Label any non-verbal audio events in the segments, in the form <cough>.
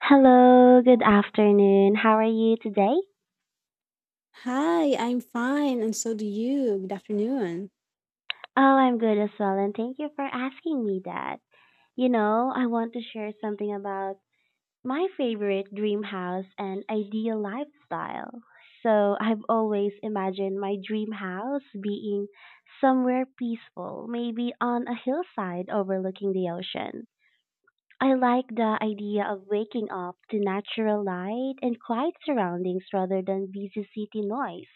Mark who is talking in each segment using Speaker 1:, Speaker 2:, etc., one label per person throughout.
Speaker 1: Hello, good afternoon. How are you today?
Speaker 2: Hi, I'm fine, and so do you. Good afternoon.
Speaker 1: Oh, I'm good as well, and thank you for asking me that. You know, I want to share something about my favorite dream house and ideal lifestyle. So, I've always imagined my dream house being somewhere peaceful, maybe on a hillside overlooking the ocean. I like the idea of waking up to natural light and quiet surroundings rather than busy city noise.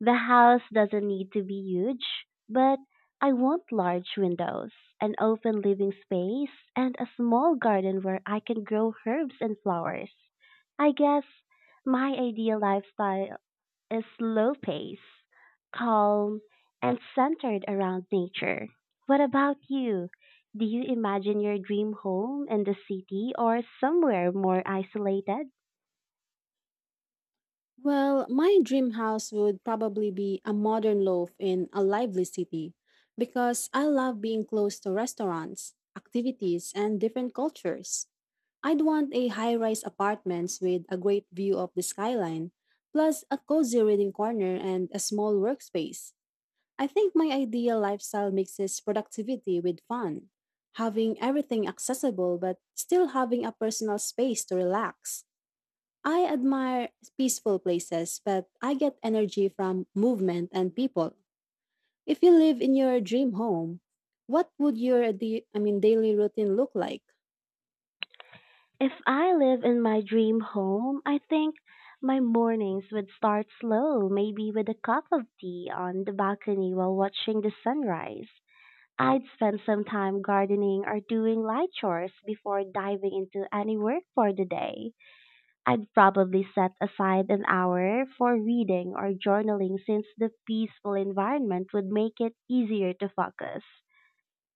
Speaker 1: The house doesn't need to be huge, but I want large windows, an open living space, and a small garden where I can grow herbs and flowers. I guess my ideal lifestyle is slow pace, calm, and centered around nature. What about you? Do you imagine your dream home in the city or somewhere more isolated?
Speaker 2: Well, my dream house would probably be a modern loft in a lively city because I love being close to restaurants, activities, and different cultures. I'd want a high-rise apartments with a great view of the skyline, plus a cozy reading corner and a small workspace. I think my ideal lifestyle mixes productivity with fun, having everything accessible but still having a personal space to relax. I admire peaceful places, but I get energy from movement and people. If you live in your dream home, what would your daily routine look like?
Speaker 1: If I live in my dream home, I think my mornings would start slow, maybe with a cup of tea on the balcony while watching the sunrise. I'd spend some time gardening or doing light chores before diving into any work for the day. I'd probably set aside an hour for reading or journaling since the peaceful environment would make it easier to focus.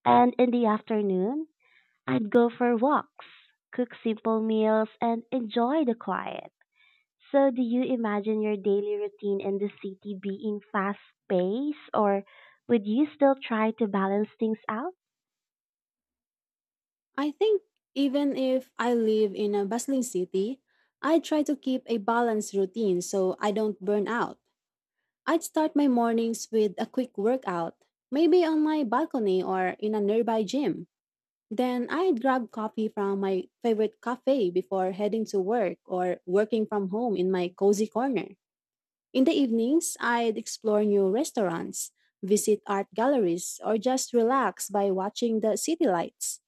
Speaker 1: And in the afternoon, I'd go for walks, cook simple meals, and enjoy the quiet. So, do you imagine your daily routine in the city being fast paced, or would you still try to balance things out?
Speaker 2: I think even if I live in a bustling city, I try to keep a balanced routine so I don't burn out. I'd start my mornings with a quick workout, maybe on my balcony or in a nearby gym. Then I'd grab coffee from my favorite cafe before heading to work or working from home in my cozy corner. In the evenings, I'd explore new restaurants, visit art galleries, or just relax by watching the city lights.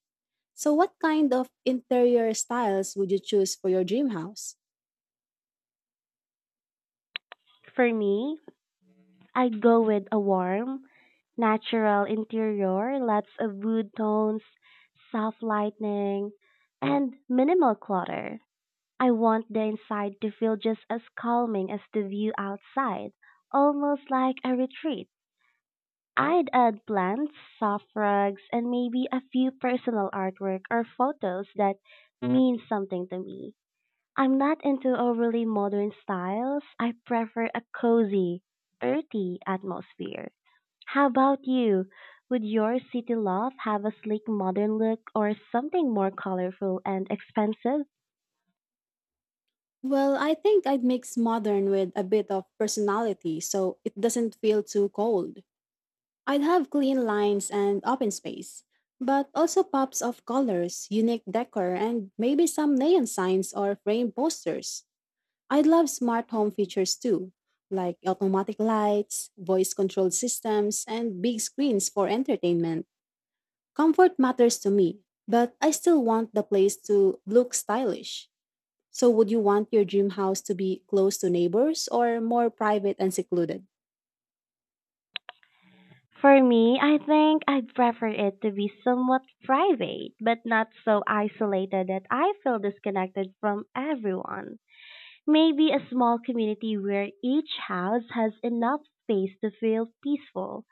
Speaker 2: So, what kind of interior styles would you choose for your dream house?
Speaker 1: For me, I'd go with a warm, natural interior, lots of wood tones, soft lighting, and minimal clutter. I want the inside to feel just as calming as the view outside, almost like a retreat. I'd add plants, soft rugs, and maybe a few personal artwork or photos that mean something to me. I'm not into overly modern styles. I prefer a cozy, earthy atmosphere. How about you? Would your city loft have a sleek modern look or something more colorful and expensive?
Speaker 2: Well, I think I'd mix modern with a bit of personality so it doesn't feel too cold. I'd have clean lines and open space, but also pops of colors, unique decor, and maybe some neon signs or framed posters. I'd love smart home features too, like automatic lights, voice controlled systems, and big screens for entertainment. Comfort matters to me, but I still want the place to look stylish. So, would you want your dream house to be close to neighbors or more private and secluded?
Speaker 1: For me, I think I'd prefer it to be somewhat private, but not so isolated that I feel disconnected from everyone. Maybe a small community where each house has enough space to feel peaceful,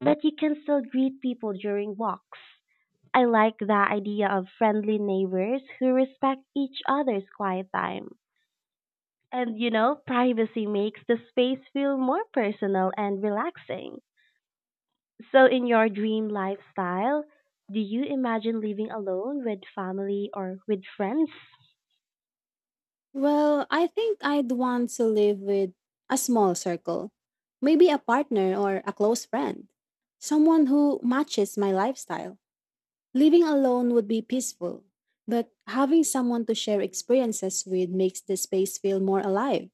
Speaker 1: but you can still greet people during walks. I like the idea of friendly neighbors who respect each other's quiet time. And you know, privacy makes the space feel more personal and relaxing. So, in your dream lifestyle, do you imagine living alone with family or with friends?
Speaker 2: Well, I think I'd want to live with a small circle, maybe a partner or a close friend, someone who matches my lifestyle. Living alone would be peaceful, but having someone to share experiences with makes the space feel more alive.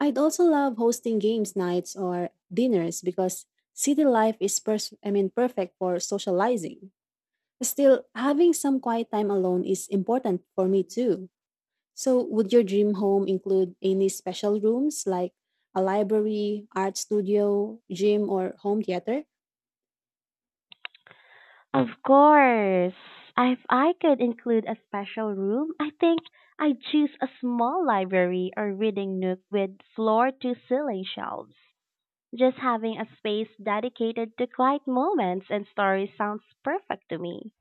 Speaker 2: I'd also love hosting games nights or dinners because city life is perfect for socializing. Still, having some quiet time alone is important for me too. So, would your dream home include any special rooms like a library, art studio, gym, or home theater?
Speaker 1: Of course. If I could include a special room, I think I'd choose a small library or reading nook with floor to ceiling shelves. Just having a space dedicated to quiet moments and stories sounds perfect to me.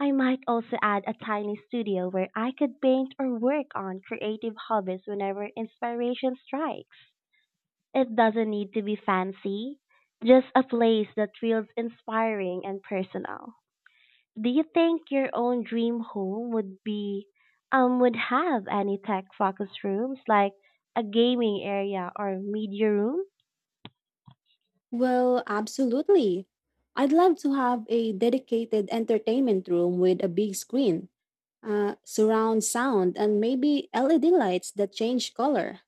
Speaker 1: I might also add a tiny studio where I could paint or work on creative hobbies whenever inspiration strikes. It doesn't need to be fancy, just a place that feels inspiring and personal. Do you think your own dream home would be would have any tech focused rooms like a gaming area or media room?
Speaker 2: Well, absolutely. I'd love to have a dedicated entertainment room with a big screen, surround sound, and maybe LED lights that change color.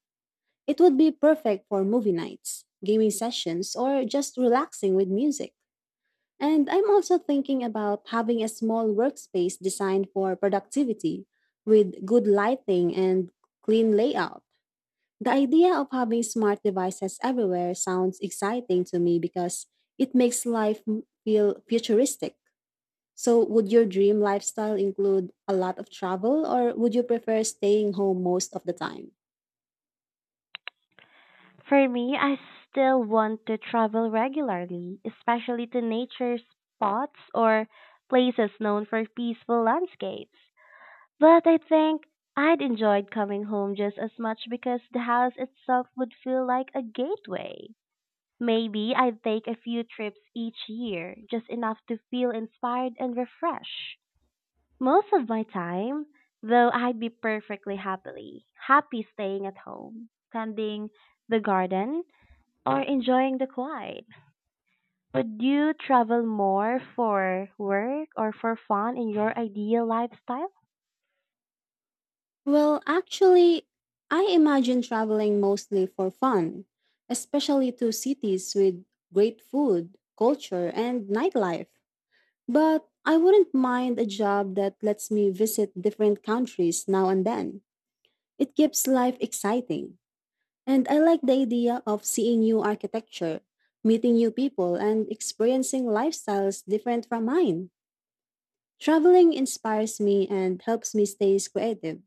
Speaker 2: It would be perfect for movie nights, gaming sessions, or just relaxing with music. And I'm also thinking about having a small workspace designed for productivity with good lighting and clean layout. The idea of having smart devices everywhere sounds exciting to me because it makes life feel futuristic. So, would your dream lifestyle include a lot of travel, or would you prefer staying home most of the time?
Speaker 1: For me, I still want to travel regularly, especially to nature spots or places known for peaceful landscapes. But I think I'd enjoyed coming home just as much because the house itself would feel like a gateway. Maybe I'd take a few trips each year, just enough to feel inspired and refreshed. Most of my time, though, I'd be perfectly happily happy staying at home, tending the garden, or enjoying the quiet. Would you travel more for work or for fun in your ideal lifestyle?
Speaker 2: Well, actually, I imagine traveling mostly for fun, especially to cities with great food, culture, and nightlife. But I wouldn't mind a job that lets me visit different countries now and then. It keeps life exciting. And I like the idea of seeing new architecture, meeting new people, and experiencing lifestyles different from mine. Traveling inspires me and helps me stay creative.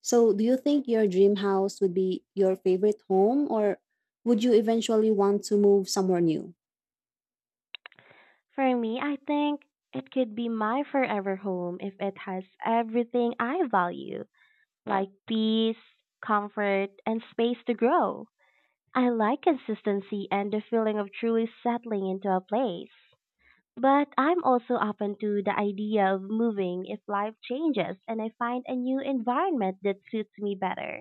Speaker 2: So, do you think your dream house would be your favorite home or would you eventually want to move somewhere new?
Speaker 1: For me, I think it could be my forever home if it has everything I value, like peace, comfort, and space to grow. I like consistency and the feeling of truly settling into a place. But I'm also open to the idea of moving if life changes and I find a new environment that suits me better.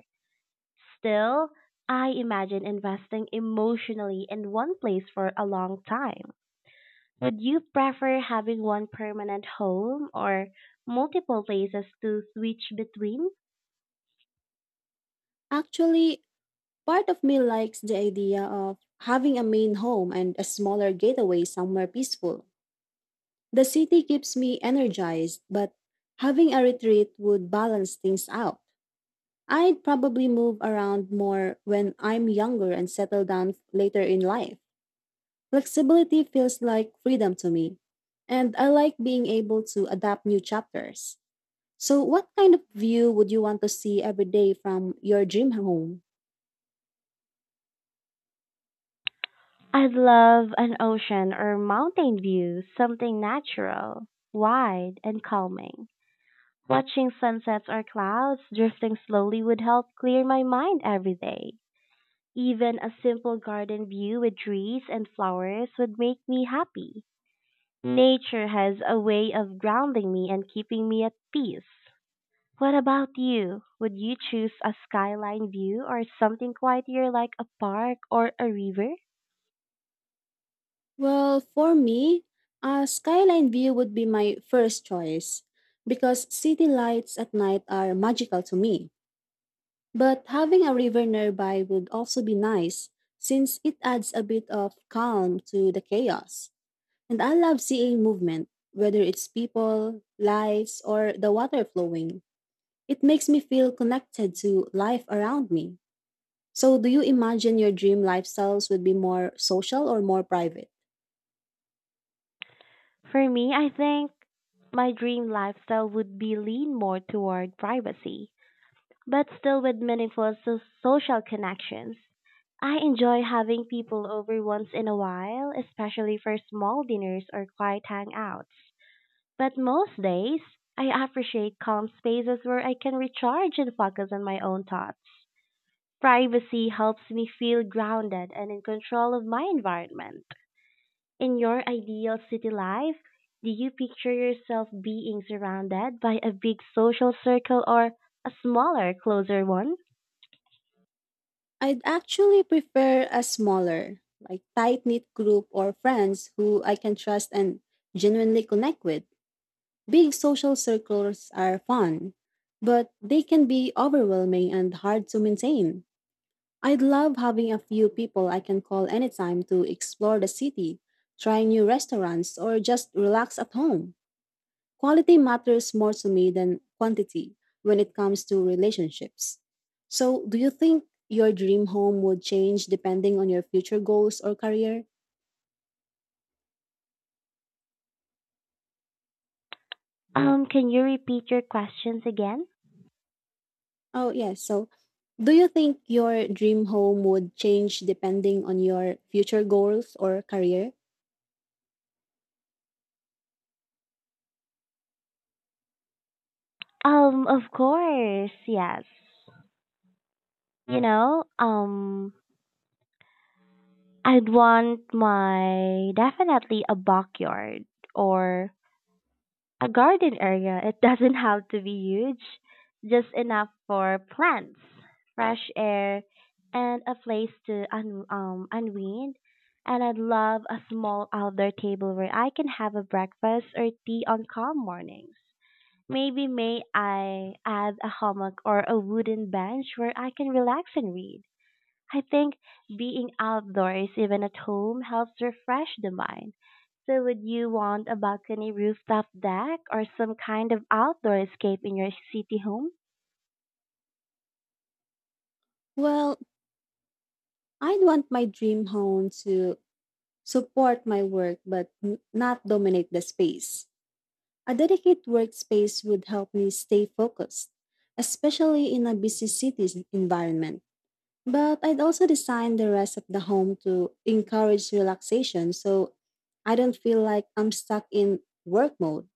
Speaker 1: Still, I imagine investing emotionally in one place for a long time. Would you prefer having one permanent home or multiple places to switch between?
Speaker 2: Actually, part of me likes the idea of having a main home and a smaller getaway somewhere peaceful. The city keeps me energized, but having a retreat would balance things out. I'd probably move around more when I'm younger and settle down later in life. Flexibility feels like freedom to me, and I like being able to adapt new chapters. So, what kind of view would you want to see every day from your dream home?
Speaker 1: I'd love an ocean or mountain view, something natural, wide, and calming. Watching sunsets or clouds drifting slowly would help clear my mind every day. Even a simple garden view with trees and flowers would make me happy. Nature has a way of grounding me and keeping me at peace. What about you? Would you choose a skyline view or something quieter like a park or a river?
Speaker 2: Well, for me, a skyline view would be my first choice because city lights at night are magical to me. But having a river nearby would also be nice since it adds a bit of calm to the chaos. And I love seeing movement, whether it's people, lights, or the water flowing. It makes me feel connected to life around me. So, do you imagine your dream lifestyles would be more social or more private?
Speaker 1: For me, I think my dream lifestyle would be lean more toward privacy, but still with meaningful social connections. I enjoy having people over once in a while, especially for small dinners or quiet hangouts. But most days, I appreciate calm spaces where I can recharge and focus on my own thoughts. Privacy helps me feel grounded and in control of my environment. In your ideal city life, do you picture yourself being surrounded by a big social circle or a smaller, closer one?
Speaker 2: I'd actually prefer a smaller, like tight knit group or friends who I can trust and genuinely connect with. Big social circles are fun, but they can be overwhelming and hard to maintain. I'd love having a few people I can call anytime to explore the city, try new restaurants, or just relax at home. Quality matters more to me than quantity when it comes to relationships. So, do you think your dream home would change depending on your future goals or career?
Speaker 1: Can you repeat your questions again?
Speaker 2: Oh, yes. So, do you think your dream home would change depending on your future goals or career?
Speaker 1: Of course, yes. You know, I'd want my definitely a backyard or a garden area, it <laughs> doesn't have to be huge, just enough for plants, fresh air, and a place to unwind. And I'd love a small outdoor table where I can have a breakfast or tea on calm mornings. Maybe may I add a hammock or a wooden bench where I can relax and read. I think being outdoors, even at home, helps refresh the mind. So, would you want a balcony rooftop deck or some kind of outdoor escape in your city home?
Speaker 2: Well, I'd want my dream home to support my work but not dominate the space. A dedicated workspace would help me stay focused, especially in a busy city's environment. But I'd also design the rest of the home to encourage relaxation so I don't feel like I'm stuck in work mode.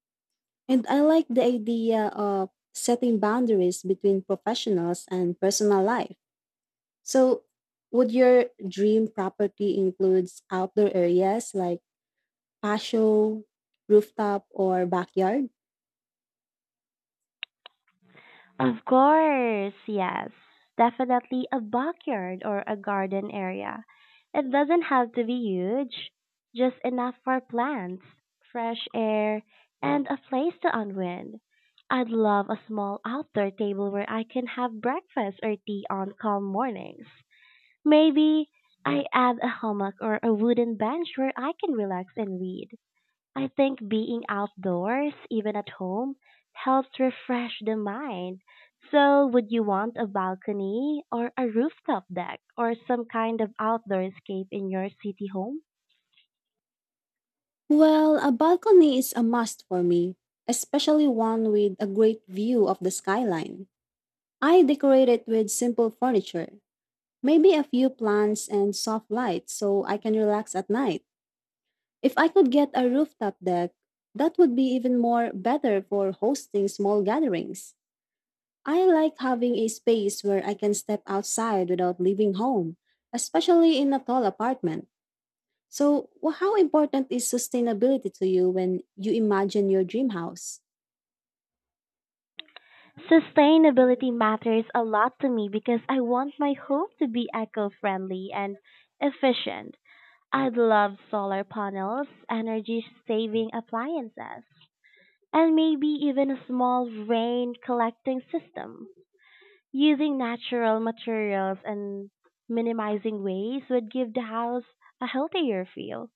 Speaker 2: And I like the idea of setting boundaries between professionals and personal life. So, would your dream property includes outdoor areas like patio, rooftop, or backyard?
Speaker 1: Of course, yes. Definitely a backyard or a garden area. It doesn't have to be huge, just enough for plants, fresh air, and a place to unwind. I'd love a small outdoor table where I can have breakfast or tea on calm mornings. Maybe I add a hammock or a wooden bench where I can relax and read. I think being outdoors, even at home, helps refresh the mind. So, would you want a balcony or a rooftop deck or some kind of outdoor escape in your city home?
Speaker 2: Well, a balcony is a must for me, especially one with a great view of the skyline. I decorate it with simple furniture, maybe a few plants and soft lights so I can relax at night. If I could get a rooftop deck, that would be even more better for hosting small gatherings. I like having a space where I can step outside without leaving home, especially in a tall apartment. So, how important is sustainability to you when you imagine your dream house?
Speaker 1: Sustainability matters a lot to me because I want my home to be eco friendly and efficient. I'd love solar panels, energy saving appliances and maybe even a small rain collecting system. Using natural materials and minimizing waste would give the house a healthier feel.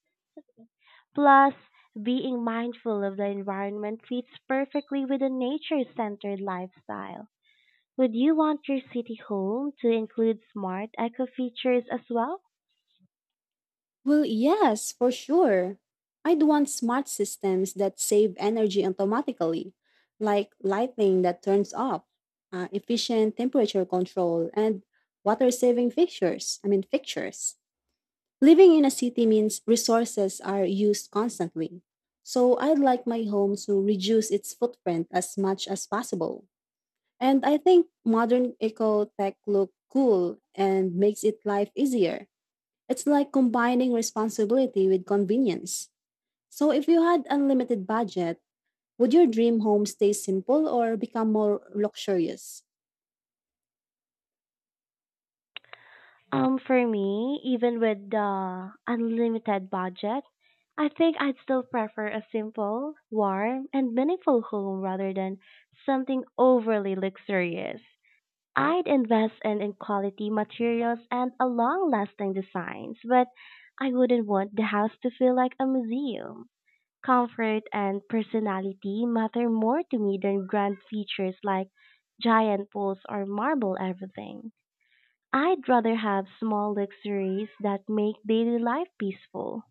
Speaker 1: Plus, being mindful of the environment fits perfectly with a nature-centered lifestyle. Would you want your city home to include smart eco features as well?
Speaker 2: Well, yes, for sure. I'd want smart systems that save energy automatically, like lighting that turns off, efficient temperature control, and water-saving fixtures. Living in a city means resources are used constantly. So, I'd like my home to reduce its footprint as much as possible. And I think modern eco tech look cool and makes it life easier. It's like combining responsibility with convenience. So if you had unlimited budget, would your dream home stay simple or become more luxurious?
Speaker 1: For me, even with the unlimited budget, I think I'd still prefer a simple, warm, and meaningful home rather than something overly luxurious. I'd invest in quality materials and a long lasting designs, but I wouldn't want the house to feel like a museum. Comfort and personality matter more to me than grand features like giant pools or marble everything. I'd rather have small luxuries that make daily life peaceful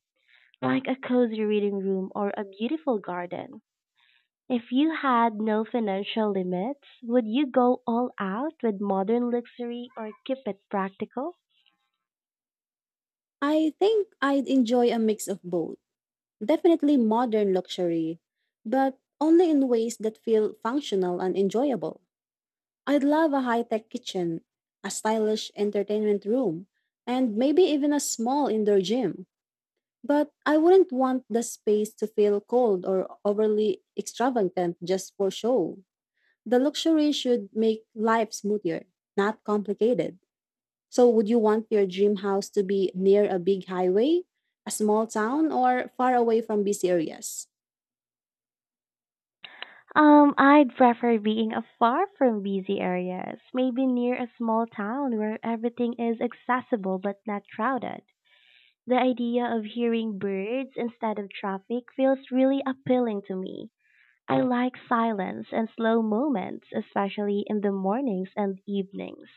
Speaker 1: like a cozy reading room or a beautiful garden. If you had no financial limits, would you go all out with modern luxury or keep it practical?
Speaker 2: I think I'd enjoy a mix of both. Definitely modern luxury, but only in ways that feel functional and enjoyable. I'd love a high-tech kitchen, a stylish entertainment room, and maybe even a small indoor gym. But I wouldn't want the space to feel cold or overly extravagant just for show. The luxury should make life smoother, not complicated. So, would you want your dream house to be near a big highway, a small town, or far away from busy areas?
Speaker 1: I'd prefer being afar from busy areas, maybe near a small town where everything is accessible but not crowded. The idea of hearing birds instead of traffic feels really appealing to me. I like silence and slow moments, especially in the mornings and evenings.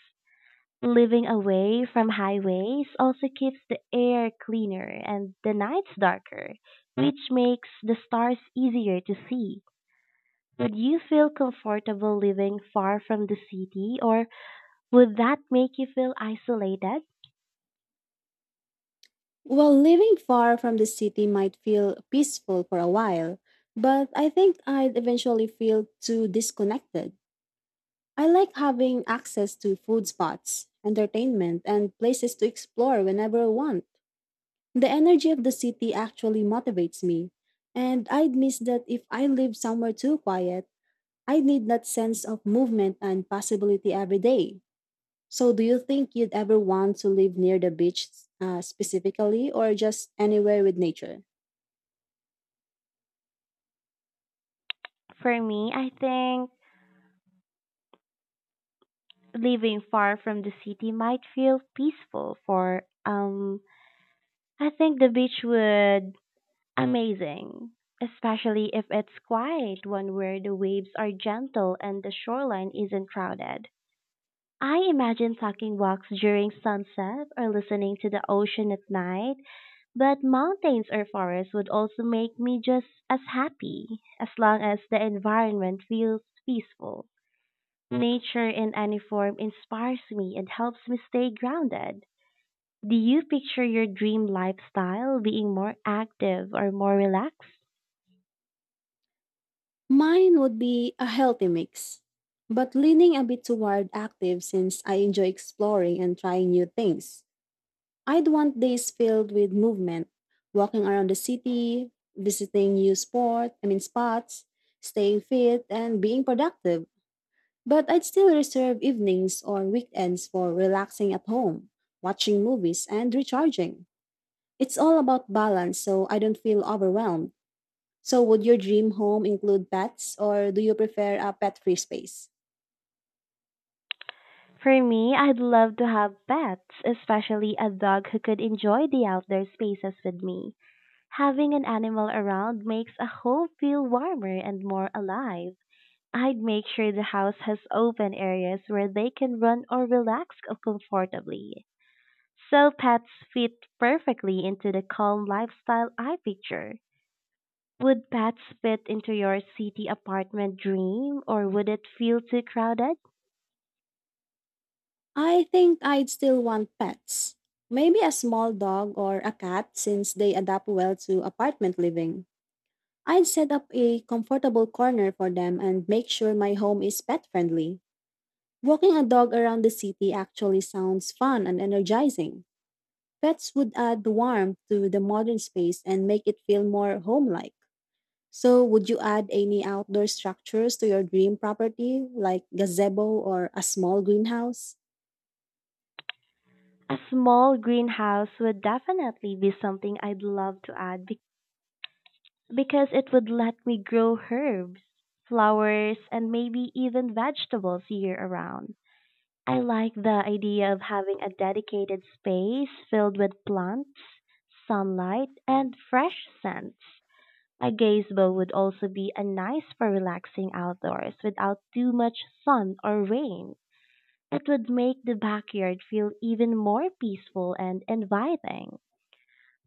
Speaker 1: Living away from highways also keeps the air cleaner and the nights darker, which makes the stars easier to see. Would you feel comfortable living far from the city or would that make you feel isolated?
Speaker 2: Well, living far from the city might feel peaceful for a while, but I think I'd eventually feel too disconnected. I like having access to food spots, entertainment, and places to explore whenever I want. The energy of the city actually motivates me, and I'd miss that if I live somewhere too quiet. I need that sense of movement and possibility every day. So, do you think you'd ever want to live near the beach specifically, or just anywhere with nature?
Speaker 1: For me, I think living far from the city might feel peaceful for I think the beach would amazing, especially if it's quiet, one where the waves are gentle and the shoreline isn't crowded. I imagine taking walks during sunset or listening to the ocean at night, but mountains or forests would also make me just as happy, as long as the environment feels peaceful. Nature in any form inspires me and helps me stay grounded. Do you picture your dream lifestyle being more active or more relaxed?
Speaker 2: Mine would be a healthy mix, but leaning a bit toward active since I enjoy exploring and trying new things. I'd want days filled with movement, walking around the city, visiting new sport, I mean spots, staying fit and being productive. But I'd still reserve evenings or weekends for relaxing at home, watching movies and recharging. It's all about balance so I don't feel overwhelmed. So would your dream home include pets or do you prefer a pet-free space?
Speaker 1: For me, I'd love to have pets, especially a dog who could enjoy the outdoor spaces with me. Having an animal around makes a home feel warmer and more alive. I'd make sure the house has open areas where they can run or relax comfortably. So pets fit perfectly into the calm lifestyle I picture. Would pets fit into your city apartment dream or would it feel too crowded?
Speaker 2: I think I'd still want pets. Maybe a small dog or a cat since they adapt well to apartment living. I'd set up a comfortable corner for them and make sure my home is pet friendly. Walking a dog around the city actually sounds fun and energizing. Pets would add warmth to the modern space and make it feel more home like. So, would you add any outdoor structures to your dream property, like gazebo or a small greenhouse?
Speaker 1: A small greenhouse would definitely be something I'd love to add because it would let me grow herbs, flowers, and maybe even vegetables year around. I like the idea of having a dedicated space filled with plants, sunlight, and fresh scents. A gazebo would also be a nice for relaxing outdoors without too much sun or rain. It would make the backyard feel even more peaceful and inviting.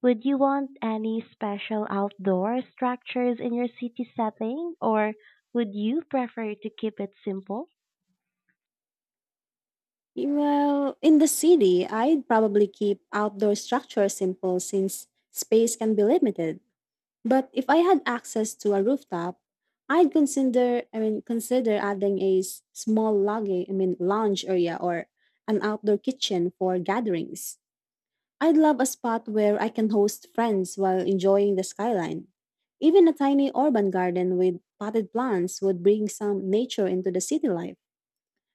Speaker 1: Would you want any special outdoor structures in your city setting, or would you prefer to keep it simple?
Speaker 2: Well, in the city, I'd probably keep outdoor structures simple since space can be limited. But if I had access to a rooftop, I'd consider adding a s- small loggy, I mean, lounge area or an outdoor kitchen for gatherings. I'd love a spot where I can host friends while enjoying the skyline. Even a tiny urban garden with potted plants would bring some nature into the city life.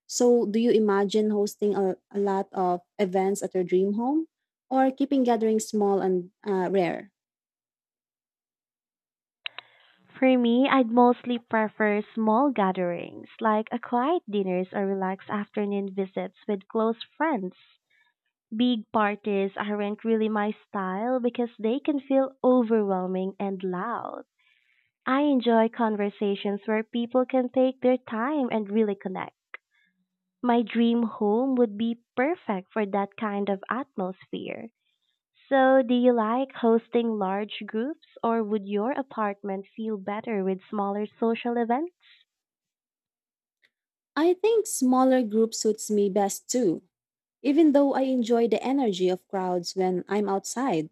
Speaker 2: So, do you imagine hosting a lot of events at your dream home or keeping gatherings small and rare?
Speaker 1: For me, I'd mostly prefer small gatherings, like a quiet dinners or relaxed afternoon visits with close friends. Big parties aren't really my style because they can feel overwhelming and loud. I enjoy conversations where people can take their time and really connect. My dream home would be perfect for that kind of atmosphere. So, do you like hosting large groups or would your apartment feel better with smaller social events?
Speaker 2: I think smaller group suits me best too, even though I enjoy the energy of crowds when I'm outside.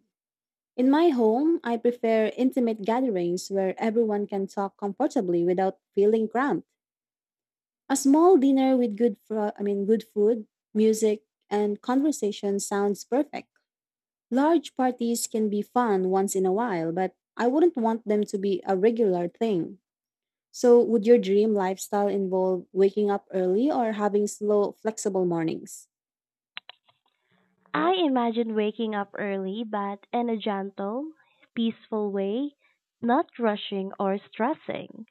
Speaker 2: In my home, I prefer intimate gatherings where everyone can talk comfortably without feeling cramped. A small dinner with good fro- I mean good food, music, and conversation sounds perfect. Large parties can be fun once in a while, but I wouldn't want them to be a regular thing. So, would your dream lifestyle involve waking up early or having slow, flexible mornings?
Speaker 1: I imagine waking up early but in a gentle, peaceful way, not rushing or stressing.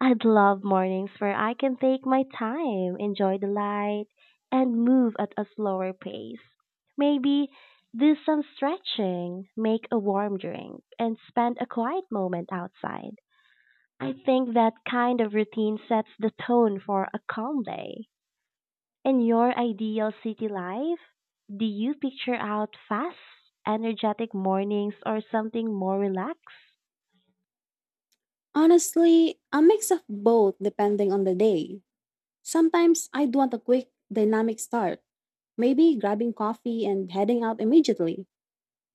Speaker 1: I'd love mornings where I can take my time, enjoy the light, and move at a slower pace. Maybe do some stretching, make a warm drink, and spend a quiet moment outside. I think that kind of routine sets the tone for a calm day. In your ideal city life, do you picture out fast, energetic mornings or something more relaxed?
Speaker 2: Honestly, a mix of both depending on the day. Sometimes I'd want a quick, dynamic start, maybe grabbing coffee and heading out immediately.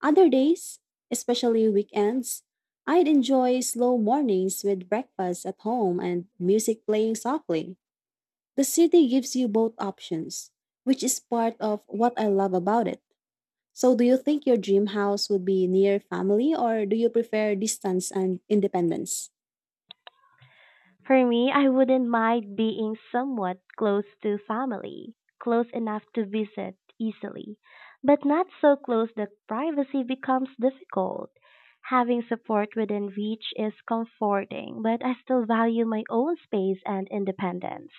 Speaker 2: Other days, especially weekends, I'd enjoy slow mornings with breakfast at home and music playing softly. The city gives you both options, which is part of what I love about it. So, do you think your dream house would be near family or do you prefer distance and independence?
Speaker 1: For me, I wouldn't mind being somewhat close to family, close enough to visit easily, but not so close that privacy becomes difficult. Having support within reach is comforting, but I still value my own space and independence.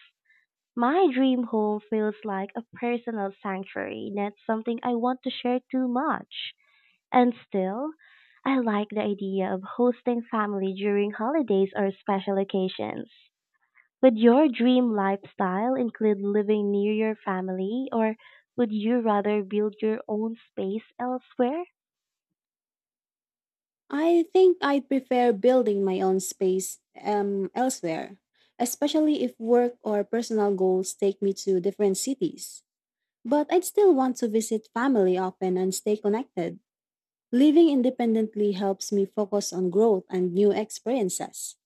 Speaker 1: My dream home feels like a personal sanctuary, not something I want to share too much. And still, I like the idea of hosting family during holidays or special occasions. Would your dream lifestyle include living near your family or would you rather build your own space elsewhere?
Speaker 2: I think I'd prefer building my own space elsewhere, especially if work or personal goals take me to different cities. But I'd still want to visit family often and stay connected. Living independently helps me focus on growth and new experiences.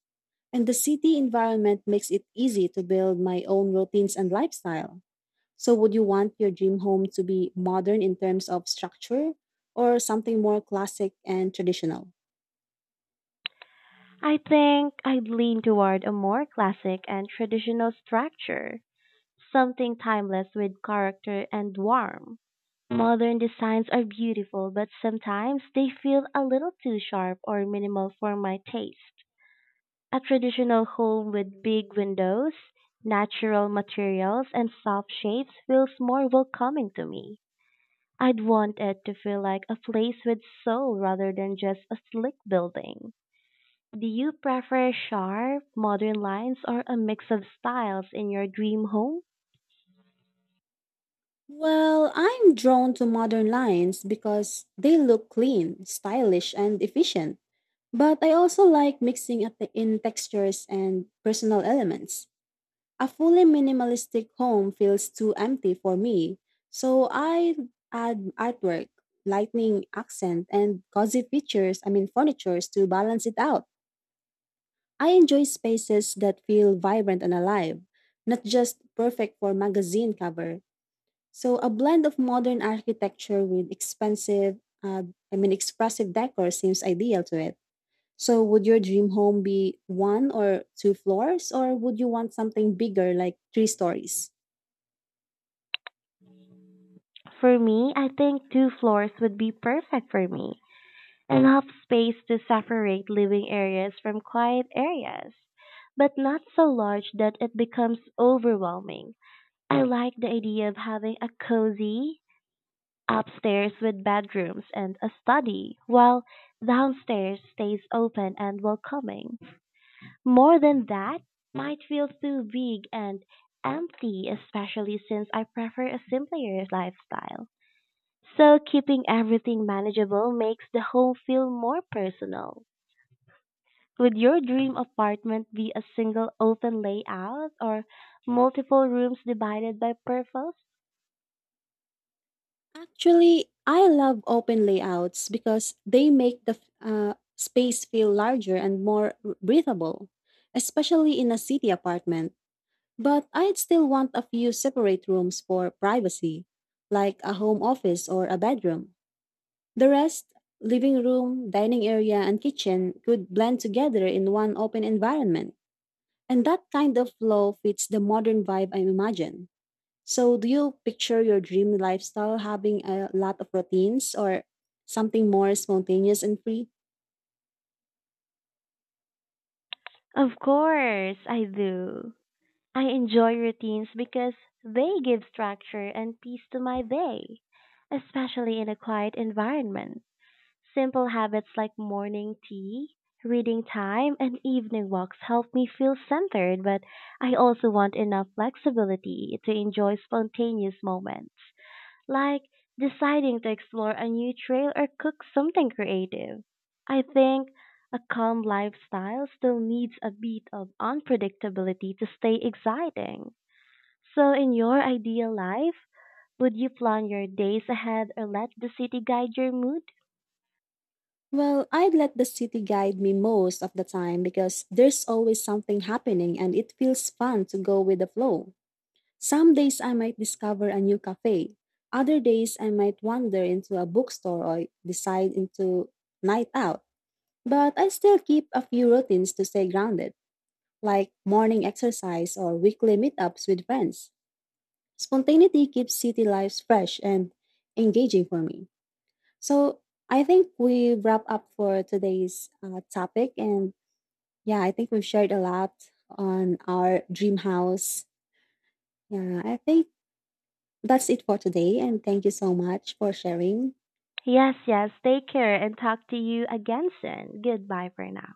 Speaker 2: And the city environment makes it easy to build my own routines and lifestyle. So, would you want your dream home to be modern in terms of structure or something more classic and traditional?
Speaker 1: I think I'd lean toward a more classic and traditional structure, something timeless with character and warmth. Modern designs are beautiful, but sometimes they feel a little too sharp or minimal for my taste. A traditional home with big windows, natural materials, and soft shades feels more welcoming to me. I'd want it to feel like a place with soul rather than just a slick building. Do you prefer sharp, modern lines or a mix of styles in your dream home?
Speaker 2: Well, I'm drawn to modern lines because they look clean, stylish, and efficient. But I also like mixing up in textures and personal elements. A fully minimalistic home feels too empty for me, so I add artwork, lightning accent, and cozy features, I mean furnitures to balance it out. I enjoy spaces that feel vibrant and alive, not just perfect for magazine cover. So a blend of modern architecture with expensive, I mean expressive decor seems ideal to it. So would your dream home be one or two floors, or would you want something bigger like three stories?
Speaker 1: For me, I think two floors would be perfect for me. Enough space to separate living areas from quiet areas, but not so large that it becomes overwhelming. I like the idea of having a cozy upstairs with bedrooms and a study, while downstairs stays open and welcoming. More than that might feel too big and empty, especially since I prefer a simpler lifestyle. So keeping everything manageable makes the home feel more personal. Would your dream apartment be a single open layout or multiple rooms divided by purpose?
Speaker 2: Actually, I love open layouts because they make the space feel larger and more breathable, especially in a city apartment. But I'd still want a few separate rooms for privacy, like a home office or a bedroom. The rest, living room, dining area, and kitchen, could blend together in one open environment. And that kind of flow fits the modern vibe I imagine. So, do you picture your dream lifestyle having a lot of routines or something more spontaneous and free?
Speaker 1: Of course, I do. I enjoy routines because they give structure and peace to my day, especially in a quiet environment. Simple habits like morning tea, reading time, and evening walks help me feel centered, but I also want enough flexibility to enjoy spontaneous moments like deciding to explore a new trail or cook something creative. I think a calm lifestyle still needs a bit of unpredictability to stay exciting. So, in your ideal life, would you plan your days ahead or let the city guide your mood?
Speaker 2: Well, I'd let the city guide me most of the time because there's always something happening and it feels fun to go with the flow. Some days I might discover a new cafe. Other days I might wander into a bookstore or decide into night out. But I still keep a few routines to stay grounded, like morning exercise or weekly meetups with friends. Spontaneity keeps city life fresh and engaging for me. So I think we wrap up for today's topic. And yeah, I think we've shared a lot on our dream house. Yeah, I think that's it for today. And thank you so much for sharing.
Speaker 1: Yes, yes, take care and talk to you again soon. Goodbye for now.